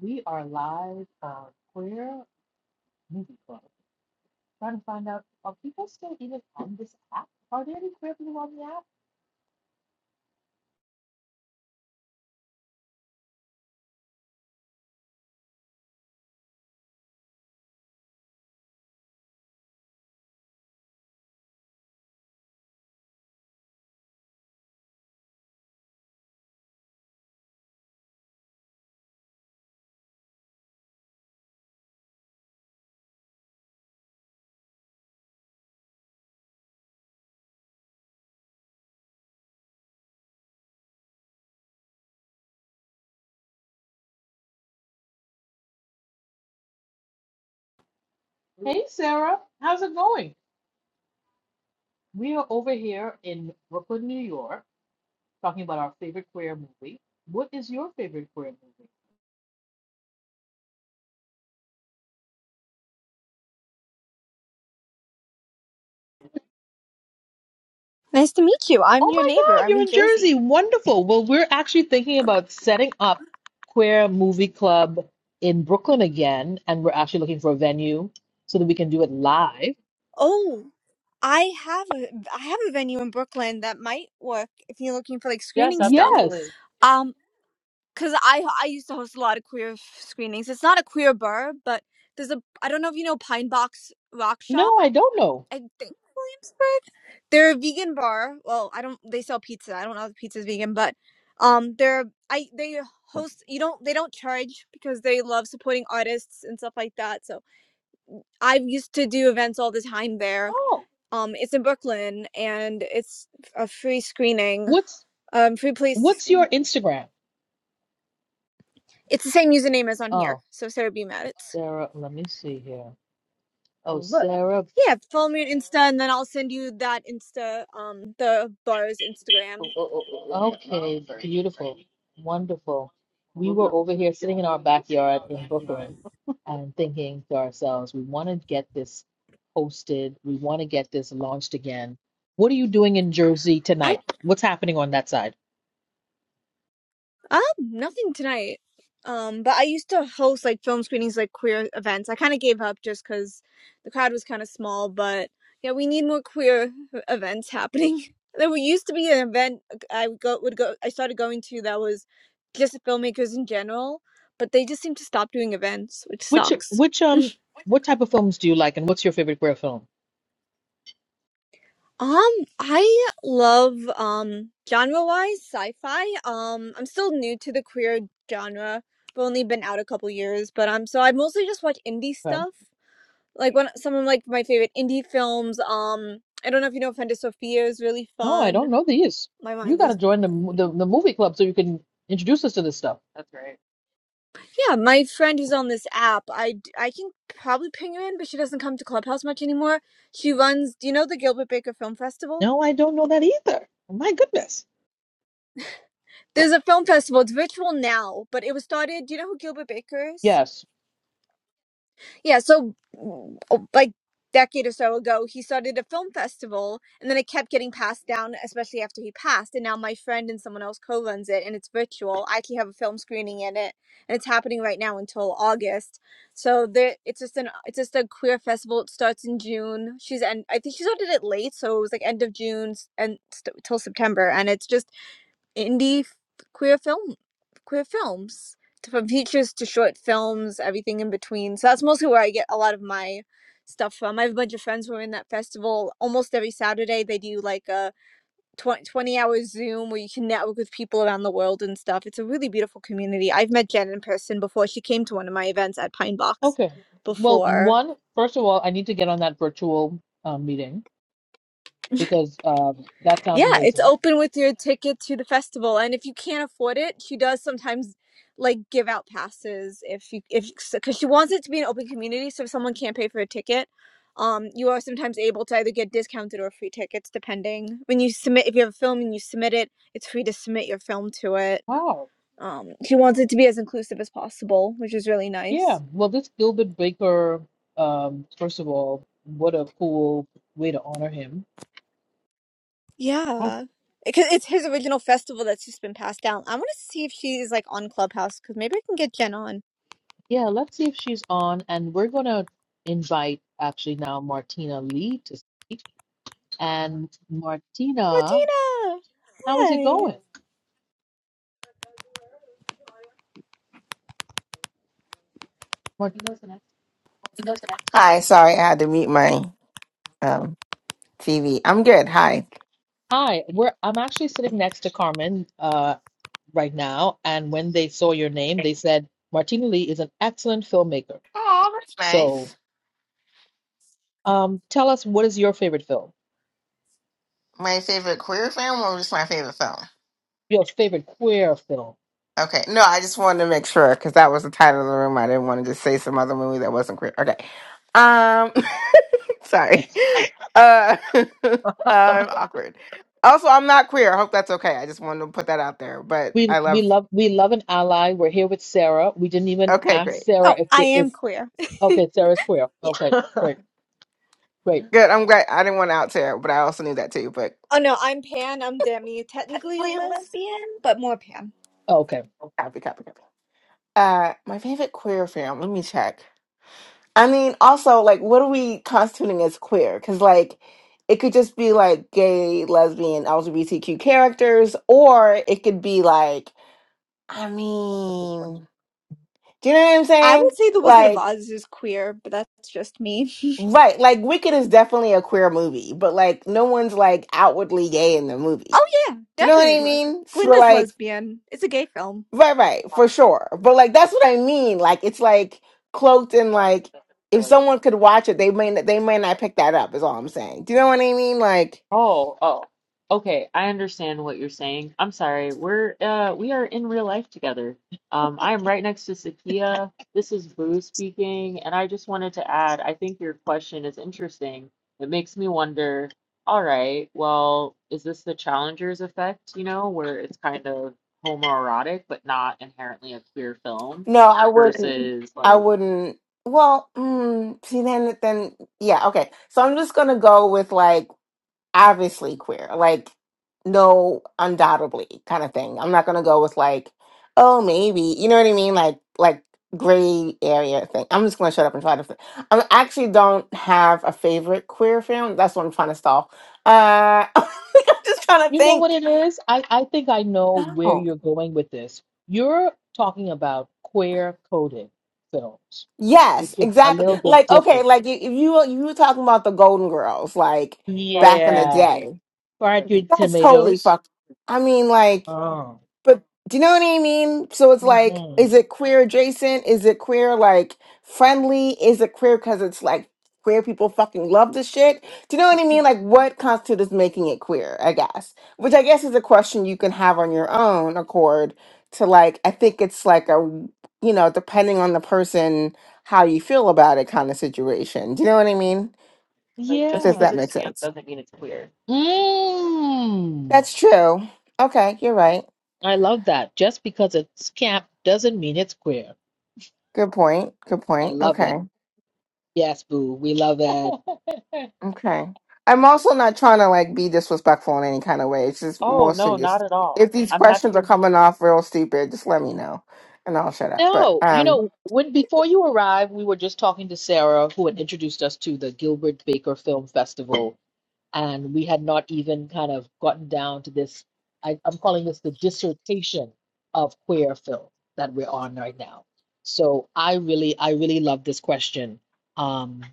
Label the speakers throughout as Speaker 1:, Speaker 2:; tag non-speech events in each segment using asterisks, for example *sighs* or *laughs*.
Speaker 1: We are live on Queer Movie Club. Trying to find out are people still even on this app? Are there any queer people on the app? Hey Sarah, how's it going? We are over here in Brooklyn, New York, talking about our favorite queer movie. What is your favorite queer movie?
Speaker 2: Nice to meet you. I'm
Speaker 1: Oh
Speaker 2: your
Speaker 1: my
Speaker 2: neighbor.
Speaker 1: God,
Speaker 2: I'm
Speaker 1: you're
Speaker 2: in
Speaker 1: in Jersey.
Speaker 2: Jersey.
Speaker 1: Wonderful. Well, we're actually thinking about setting up Queer Movie Club in Brooklyn again, and we're actually looking for a venue so that we can do it live.
Speaker 2: Oh, I have a I have a venue in Brooklyn that might work if you're looking for like
Speaker 1: Yes,
Speaker 2: screening
Speaker 1: absolutely.
Speaker 2: stuff.
Speaker 1: Yes.
Speaker 2: Um, cause I I used to host a lot of queer f- screenings. It's not a queer bar, but there's a I don't know if you know Pine Box Rock Shop.
Speaker 1: No, I don't know.
Speaker 2: I think Williamsburg. They're a vegan bar. Well, I don't. They sell pizza. I don't know if the pizza's vegan, but um, they're I they host. You don't they don't charge because they love supporting artists and stuff like that. So I used to do events all the time there.
Speaker 1: Oh,
Speaker 2: Um, it's in Brooklyn and it's a free screening,
Speaker 1: what's
Speaker 2: um, free place to
Speaker 1: what's your
Speaker 2: screen.
Speaker 1: Instagram?
Speaker 2: It's the same username as on here,
Speaker 1: Oh,
Speaker 2: so Sarah B. Maddox.
Speaker 1: Sarah, let me see here. Oh, Look. Sarah.
Speaker 2: Yeah, follow me on Insta, and then I'll send you that Insta, um, the bar's Instagram.
Speaker 1: Okay, beautiful, wonderful. We were over here sitting in our backyard in Brooklyn and thinking to ourselves, we want to get this posted. We want to get this launched again. What are you doing in Jersey
Speaker 2: I
Speaker 1: tonight? What's happening on that side?
Speaker 2: Um, nothing tonight. Um, but I used to host like film screenings, like queer events. I kind of gave up just because the crowd was kind of small. But yeah, we need more queer e-, events happening. *laughs* There used to be an event I would go would go. I started going to that was just filmmakers in general, but they just seem to stop doing events, which
Speaker 1: Which
Speaker 2: sucks.
Speaker 1: which um what type of films do you like and what's your favorite queer film?
Speaker 2: Um, I love um genre-wise sci-fi. Um, I'm still new to the queer genre. I've only been out a couple years, but um, so I mostly just watch indie stuff. Like one, some of like my favorite indie films. Um, I don't know if you know Fender Sophia is really
Speaker 1: No, I
Speaker 2: fun.
Speaker 1: don't know these.
Speaker 2: My
Speaker 1: You
Speaker 2: mind
Speaker 1: got to
Speaker 2: is
Speaker 1: join the, mo- the
Speaker 2: blanking.
Speaker 1: the movie club so you can introduce us to this stuff. That's right.
Speaker 2: Yeah, my friend who's on this app, I d- I can probably ping her in, but she doesn't come to Clubhouse much anymore. She runs, do you know the Gilbert Baker Film Festival?
Speaker 1: No, I don't know that either. My goodness.
Speaker 2: There's a film festival. It's virtual now, but it was started. Do you know who Gilbert Baker is?
Speaker 1: Yes.
Speaker 2: Yeah, so mm, oh, like decade or so ago, he started a film festival, and then it kept getting passed down, especially after he passed. And now my friend and someone else co-runs it, and it's virtual. I actually have a film screening in it, and it's happening right now until August. So there, it's just an it's just a queer festival. It starts in June. She's and I think she started it late, so it was like end of June and st- till September, and it's just indie f- queer film queer films to, from features to short films everything in between so that's mostly where i get a lot of my stuff from i have a bunch of friends who are in that festival almost every saturday they do like a 20 20 hour zoom where you can network with people around the world and stuff it's a really beautiful community i've met jen in person before she came to one of my events at pine box
Speaker 1: Okay. Well,
Speaker 2: before
Speaker 1: one, first of all, I need to get on that virtual um, meeting because um, that
Speaker 2: Yeah,
Speaker 1: sounds
Speaker 2: it's
Speaker 1: amazing.
Speaker 2: open with your ticket to the festival, and if you can't afford it, she does sometimes like give out passes if you if because she wants it to be an open community. So if someone can't pay for a ticket, um, you are sometimes able to either get discounted or free tickets depending. When you submit, if you have a film and you submit it, it's free to submit your film to it.
Speaker 1: Wow.
Speaker 2: Um, she wants it to be as inclusive as possible, which is really
Speaker 1: Yeah.
Speaker 2: nice.
Speaker 1: Well, this Gilbert Baker, um, first of all, what a cool way to honor him. Oh,
Speaker 2: Yeah. Because it's his original festival that's just been passed down. I want to see if she's like on Clubhouse because maybe I can get Jen on.
Speaker 1: yeah. Let's see if she's on. And we're going to invite actually now Martina Lee to speak. and Martina.
Speaker 2: Martina!
Speaker 1: How is it
Speaker 2: Hi.
Speaker 1: going? Martina's the next.
Speaker 3: Hi, sorry, I had to mute my um, TV. I'm good. Hi.
Speaker 1: Hi, we're I'm actually sitting next to Carmen uh, right now, and when they saw your name, they said Martina Lee is an excellent filmmaker.
Speaker 3: Oh, that's
Speaker 1: So,
Speaker 3: nice.
Speaker 1: um, tell us what is your favorite film?
Speaker 3: My favorite queer film or just my favorite film?
Speaker 1: Your favorite queer film?
Speaker 3: Okay. No, I just wanted to make sure because that was the title of the room. I didn't want to just say some other movie that wasn't queer. Okay. Um, *laughs* sorry. Uh, *laughs* I'm awkward. Also, I'm not queer. I hope that's okay. I just wanted to put that out there. But
Speaker 1: We
Speaker 3: I
Speaker 1: we
Speaker 3: love.
Speaker 1: love we love an ally. We're here with Sarah. We didn't even
Speaker 3: Okay,
Speaker 1: ask
Speaker 3: great.
Speaker 1: Sarah
Speaker 2: Oh,
Speaker 1: if
Speaker 2: I
Speaker 1: they, if
Speaker 2: am queer. *laughs*
Speaker 1: okay, Sarah's queer.
Speaker 2: Yeah.
Speaker 1: Okay, *laughs* great, great.
Speaker 3: Good. I'm glad. I didn't want to out there, but I also knew that too. But
Speaker 2: Oh no, I'm pan, I'm demi. Technically
Speaker 3: technically lesbian.
Speaker 2: lesbian,
Speaker 3: *laughs*
Speaker 2: but more pan.
Speaker 1: Okay.
Speaker 3: Copy, copy, copy. Uh, my favorite queer film. Let me check. I mean, also, like, what are we constituting as queer? Because, like, it could just be like gay, lesbian, LGBTQ characters, or it could be like, I
Speaker 1: That's a good question.
Speaker 3: mean, do you know what I'm
Speaker 2: I
Speaker 3: saying?
Speaker 2: would say The Wizard of
Speaker 3: Like,
Speaker 2: Oz is queer, but that's just me. *laughs*
Speaker 3: right, like Wicked is definitely a queer movie, but like, no one's like outwardly gay in the movie.
Speaker 2: oh yeah,
Speaker 3: Do you know what
Speaker 2: definitely.
Speaker 3: I
Speaker 2: le-
Speaker 3: mean? So,
Speaker 2: Glinda's
Speaker 3: like,
Speaker 2: lesbian. It's a gay film.
Speaker 3: Right, right,
Speaker 1: Um,
Speaker 3: for sure. But like that's what I mean. Like it's like cloaked in
Speaker 1: uh,
Speaker 3: like if
Speaker 1: like
Speaker 3: someone could watch it, they may they may not pick that up. Is all I'm saying. Do you know what I mean? Like
Speaker 1: Oh, oh. Okay, I understand what you're saying. I'm sorry. We're uh we are in real life together. Um I am right next to Sakia. This is Boo speaking, and I just wanted to add, I think your question is interesting. It makes me wonder, all right, well, is this the Challengers effect, you know, where it's kind of homoerotic but not inherently a queer film
Speaker 3: no, I wouldn't.
Speaker 1: versus like
Speaker 3: I wouldn't. Well, mm, see then then yeah okay. So I'm just gonna go with like. obviously queer, like no, undoubtedly kind of thing. I'm not gonna go with like, oh, maybe, you know what I mean? Like, like gray area thing. I'm just gonna shut up and try to. fi- I actually don't have a favorite queer film. That's what I'm trying to stall. Uh, *laughs* I'm just trying to
Speaker 1: You know what
Speaker 3: think.
Speaker 1: it is? I, I think I know where
Speaker 3: No.
Speaker 1: you're going with this. You're talking about queer coded films,
Speaker 3: Yes,
Speaker 1: which is a
Speaker 3: exactly.
Speaker 1: little bit
Speaker 3: Like, okay,
Speaker 1: different.
Speaker 3: like if you if you were talking about the Golden Girls, like back in the
Speaker 1: Yeah. tomatoes.
Speaker 3: day,
Speaker 1: Fried green
Speaker 3: that's totally
Speaker 1: tomatoes.
Speaker 3: fucked. I mean, like
Speaker 1: Oh.
Speaker 3: But do you know what I mean? So it's like,
Speaker 1: Mm-hmm.
Speaker 3: is it queer adjacent? Is it queer like friendly? Is it queer because it's like queer people fucking love this shit? Do you know what I mean? Like, what constitutes as making it queer? I guess, which I guess is a question you can have on your own accord. To like, I think it's like a you know, depending on the person, how you feel about it kind of situation. Do you know what I mean?
Speaker 1: Yeah.
Speaker 3: If
Speaker 1: Just
Speaker 3: this,
Speaker 1: because
Speaker 3: that
Speaker 1: it's
Speaker 3: makes
Speaker 1: camp
Speaker 3: sense.
Speaker 1: doesn't mean it's queer. Mm.
Speaker 3: That's true. Okay, you're right.
Speaker 1: I love that. Just because it's camp doesn't mean it's queer.
Speaker 3: Good point. Good
Speaker 1: I
Speaker 3: point.
Speaker 1: love
Speaker 3: Okay.
Speaker 1: it. Yes, boo. We love that. *laughs*
Speaker 3: Okay. I'm also not trying to like be disrespectful in any kind of way. It's just
Speaker 1: Oh,
Speaker 3: mostly
Speaker 1: no,
Speaker 3: just
Speaker 1: not at all.
Speaker 3: if these
Speaker 1: I'm happy
Speaker 3: questions are
Speaker 1: you're here.
Speaker 3: coming off real stupid, just let me know and I'll shut up. But
Speaker 1: No, you
Speaker 3: um
Speaker 1: know, when before you arrived, we were just talking to Sarah, who had introduced us to the Gilbert Baker Film Festival, and we had not even kind of gotten down to this. I, I'm calling this the dissertation of queer film that we're on right now. So I really, I really love this question. Um,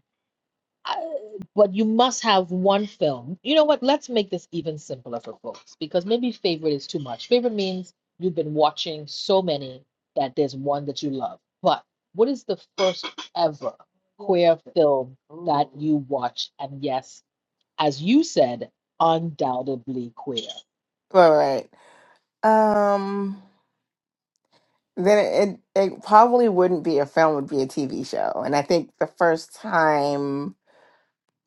Speaker 1: I- but you must have one film. You know what? Let's make this even simpler for folks because maybe favorite is too much. Favorite means you've been watching so many that there's one that you love. But what is the first ever queer film that you watched? And yes, as you said, undoubtedly queer.
Speaker 3: all right. Um then it it probably wouldn't be a film, it would be a TV show. And I think the first time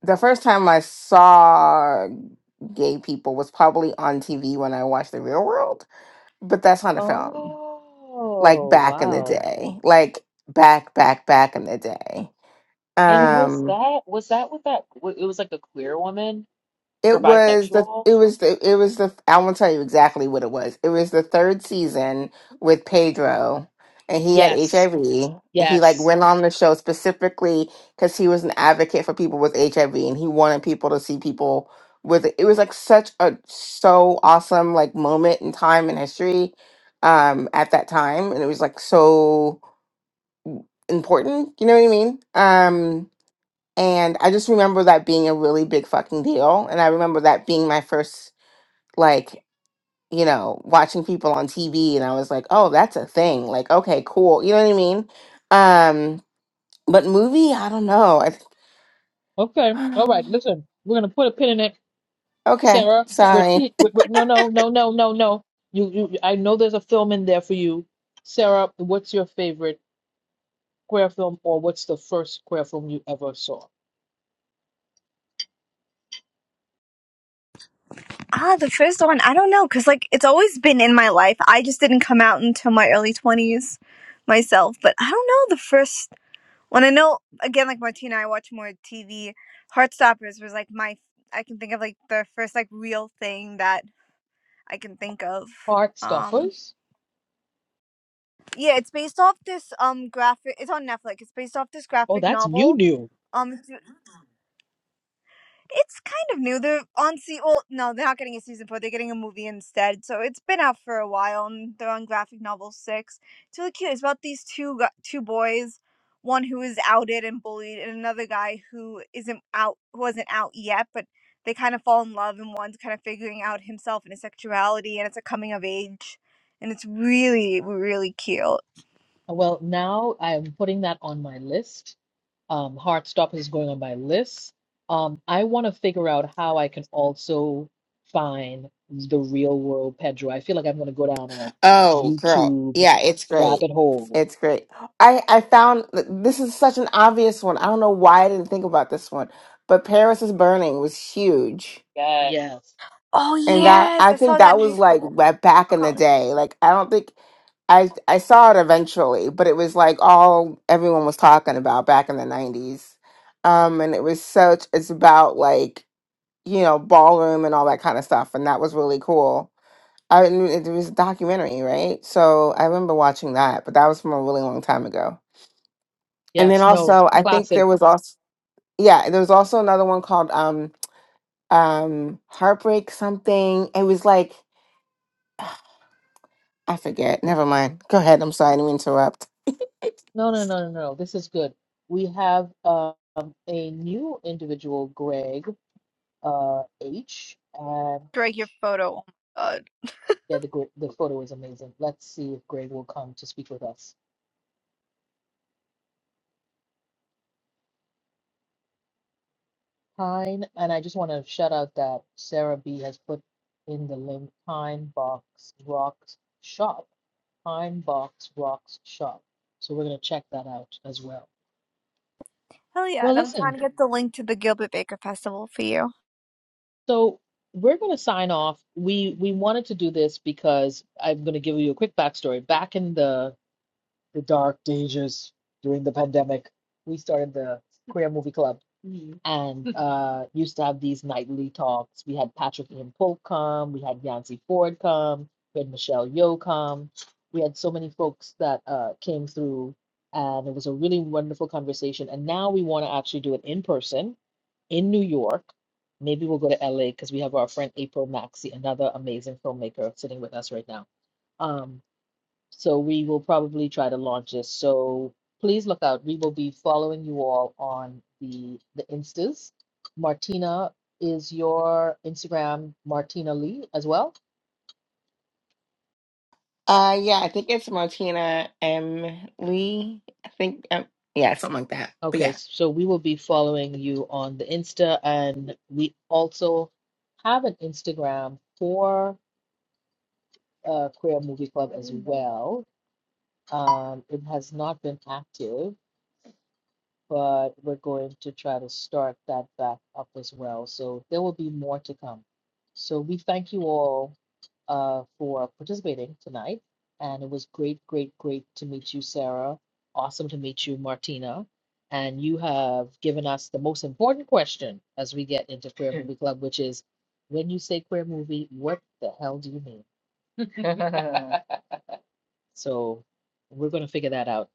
Speaker 3: the first time I saw gay people was probably on TV when I watched The Real World, but that's not a film. Like
Speaker 1: Oh,
Speaker 3: back in the
Speaker 1: wow.
Speaker 3: day. Like back back back in the day
Speaker 1: And was
Speaker 3: Um,
Speaker 1: that was that with that w- it was like a queer woman or
Speaker 3: it was the
Speaker 1: bisexual?
Speaker 3: it was the it was the I won't tell you exactly what it was. It was the third season with Pedro, and he had
Speaker 1: Yes,
Speaker 3: HIV. And he like
Speaker 1: yes.
Speaker 3: went on the show specifically because he was an advocate for people with HIV, and he wanted people to see people with it. It was like such a so awesome like moment in time in history, um, at that time, and it was like so important. You know what I mean? Um, And I just remember that being a really big fucking deal. And I remember that being my first, like, you know, watching people on TV. And I was like, oh, that's a thing. Like, okay, cool. You know what I mean? Um, but movie, I don't know. I
Speaker 1: Okay.
Speaker 3: think,
Speaker 1: All
Speaker 3: *sighs*
Speaker 1: right. Listen, we're gonna put a pin in it,
Speaker 3: okay,
Speaker 1: Sarah. We're,
Speaker 3: sorry.
Speaker 1: te- we we- no, no, no, no, no, no. You, you. I know there's a film in there for you, Sarah. What's your favorite queer film, or what's the first queer film you ever saw?
Speaker 2: Ah, the first one. I don't know, because like it's always been in my life. I just didn't come out until my early twenties myself. But I don't know the first. When I know, again, like Martina, I watch more TV. Heartstoppers was like my, I can think of like the first like real thing that I can think of. Um,
Speaker 1: Heartstoppers.
Speaker 2: yeah, it's based off this um graphic. It's on Netflix. It's based off this
Speaker 1: Oh,
Speaker 2: graphic
Speaker 1: that's new,
Speaker 2: novel.
Speaker 1: new.
Speaker 2: Um, it's, It's kind of new. They're on sea. Well, no, they're not getting a season four. They're getting a movie instead. So it's been out for a while, and they're on graphic novel six. It's really cute. It's about these two gu- two boys, one who is outed and bullied, and another guy who isn't out, who wasn't out yet, but they kind of fall in love, and one's kind of figuring out himself and his sexuality, and it's a coming of age, and it's really really cute.
Speaker 1: Well, now I'm putting that on my list. Um, Heartstopper is going on my list. Um, I want to figure out how I can also find the real world Pedro. I feel like I'm going to go down a
Speaker 3: Oh, girl.
Speaker 1: YouTube
Speaker 3: Yeah, it's great.
Speaker 1: rabbit hole.
Speaker 3: It's great. I, I found this is such an obvious one. I don't know why I didn't think about this one, but Paris is Burning was huge
Speaker 1: Yes. Yes,
Speaker 2: Oh
Speaker 3: and that
Speaker 2: yes,
Speaker 3: I
Speaker 2: I
Speaker 3: think
Speaker 2: saw that
Speaker 3: that
Speaker 2: in high
Speaker 3: was like
Speaker 2: school
Speaker 3: ba- back
Speaker 2: or
Speaker 3: in the
Speaker 2: college.
Speaker 3: day. Like I don't think I I saw it eventually, but it was like all everyone was talking about back in the nineties. Um, and it was such it's about like you know ballroom and all that kind of stuff, and that was really cool. I mean, it was a documentary, right? So I remember watching that, but that was from a really long time ago. And then
Speaker 1: yes, no,
Speaker 3: also, I think
Speaker 1: classic.
Speaker 3: there was also yeah, there was also another one called um um Heartbreak something. It was like. I forget. Never mind. Go ahead. I'm sorry to interrupt. *laughs*
Speaker 1: No, no, no, no, no. This is good. We have um, a new individual, Greg uh, H. And
Speaker 2: Drag your photo. Oh my God.
Speaker 1: yeah, the gr- the photo is amazing. Let's see if Greg will come to speak with us. Pine, and I just want to shout out that Sarah B has put in the link Pine Box Rocks Shop. Pine Box Rocks Shop. So we're gonna check that out as well.
Speaker 2: Hell yeah.
Speaker 1: Well,
Speaker 2: And I'm trying
Speaker 1: listen,
Speaker 2: to get the link to the Gilbert Baker Festival for you.
Speaker 1: so we're gonna sign off. We we wanted to do this because I'm gonna give you a quick backstory. Back in the the dark ages during the pandemic, we started the Queer Movie Club Mhm. and *laughs* uh, used to have these nightly talks. We had Patrick Ian Polk come, we had Yancey Ford come, we had Michelle Yeoh come. We had so many folks that uh, came through, and it was a really wonderful conversation. And now we want to actually do it in person in New York. Maybe we'll go to LA because we have our friend April Maxey, another amazing filmmaker, sitting with us right now. Um, so we will probably try to launch this. So please look out. We will be following you all on the the Instas. Martina is your Instagram, Martina Lee as well.
Speaker 3: Uh, yeah, I think it's Martina M. Lee. I think, um, yeah, something like that. But
Speaker 1: Okay,
Speaker 3: yeah.
Speaker 1: so we will be following you on the Insta, and we also have an Instagram for uh, Queer Movie Club as well. Um, it has not been active, but we're going to try to start that back up as well. So there will be more to come. So we thank you all uh, for participating tonight. And it was great, great, great to meet you, Sarah. Awesome to meet you, Martina. And you have given us the most important question as we get into Queer Movie Club, which is when you say queer movie, what the hell do you mean? *laughs* *laughs* So we're going to figure that out.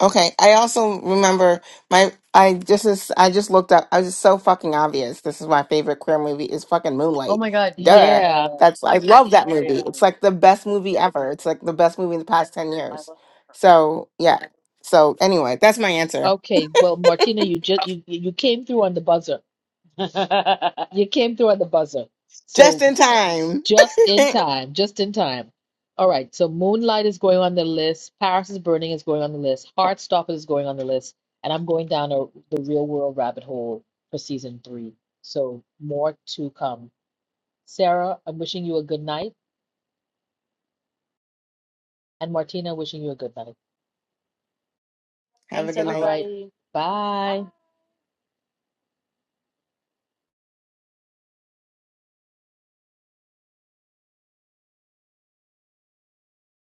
Speaker 3: Okay. I also remember my I just is I just looked up. I was just so fucking obvious. This is my favorite queer movie is fucking
Speaker 1: Oh
Speaker 3: Moonlight.
Speaker 1: my God. Yeah.
Speaker 3: Duh.
Speaker 1: Yeah.
Speaker 3: That's I love that movie.
Speaker 1: Favorite
Speaker 3: It's
Speaker 1: movie.
Speaker 3: like the best movie
Speaker 1: Yes, it
Speaker 3: ever.
Speaker 1: is.
Speaker 3: It's like the best movie in the past 10
Speaker 1: I love
Speaker 3: years.
Speaker 1: it.
Speaker 3: So, yeah. So, anyway, that's my answer.
Speaker 1: Okay, well, Martina, you just you you came through on the buzzer. *laughs* You came through on the buzzer.
Speaker 3: Just
Speaker 1: So
Speaker 3: in time.
Speaker 1: just in time, just in time. All right, so Moonlight is going on the list, Paris is Burning is going on the list, Heartstopper is going on the list, and I'm going down a, the real world rabbit hole for season three. So more to come. Sarah, I'm wishing you a good night, and Martina, wishing you a good night.
Speaker 3: *laughs* Have a
Speaker 1: Thanks, All
Speaker 3: good night.
Speaker 1: right, everybody. bye.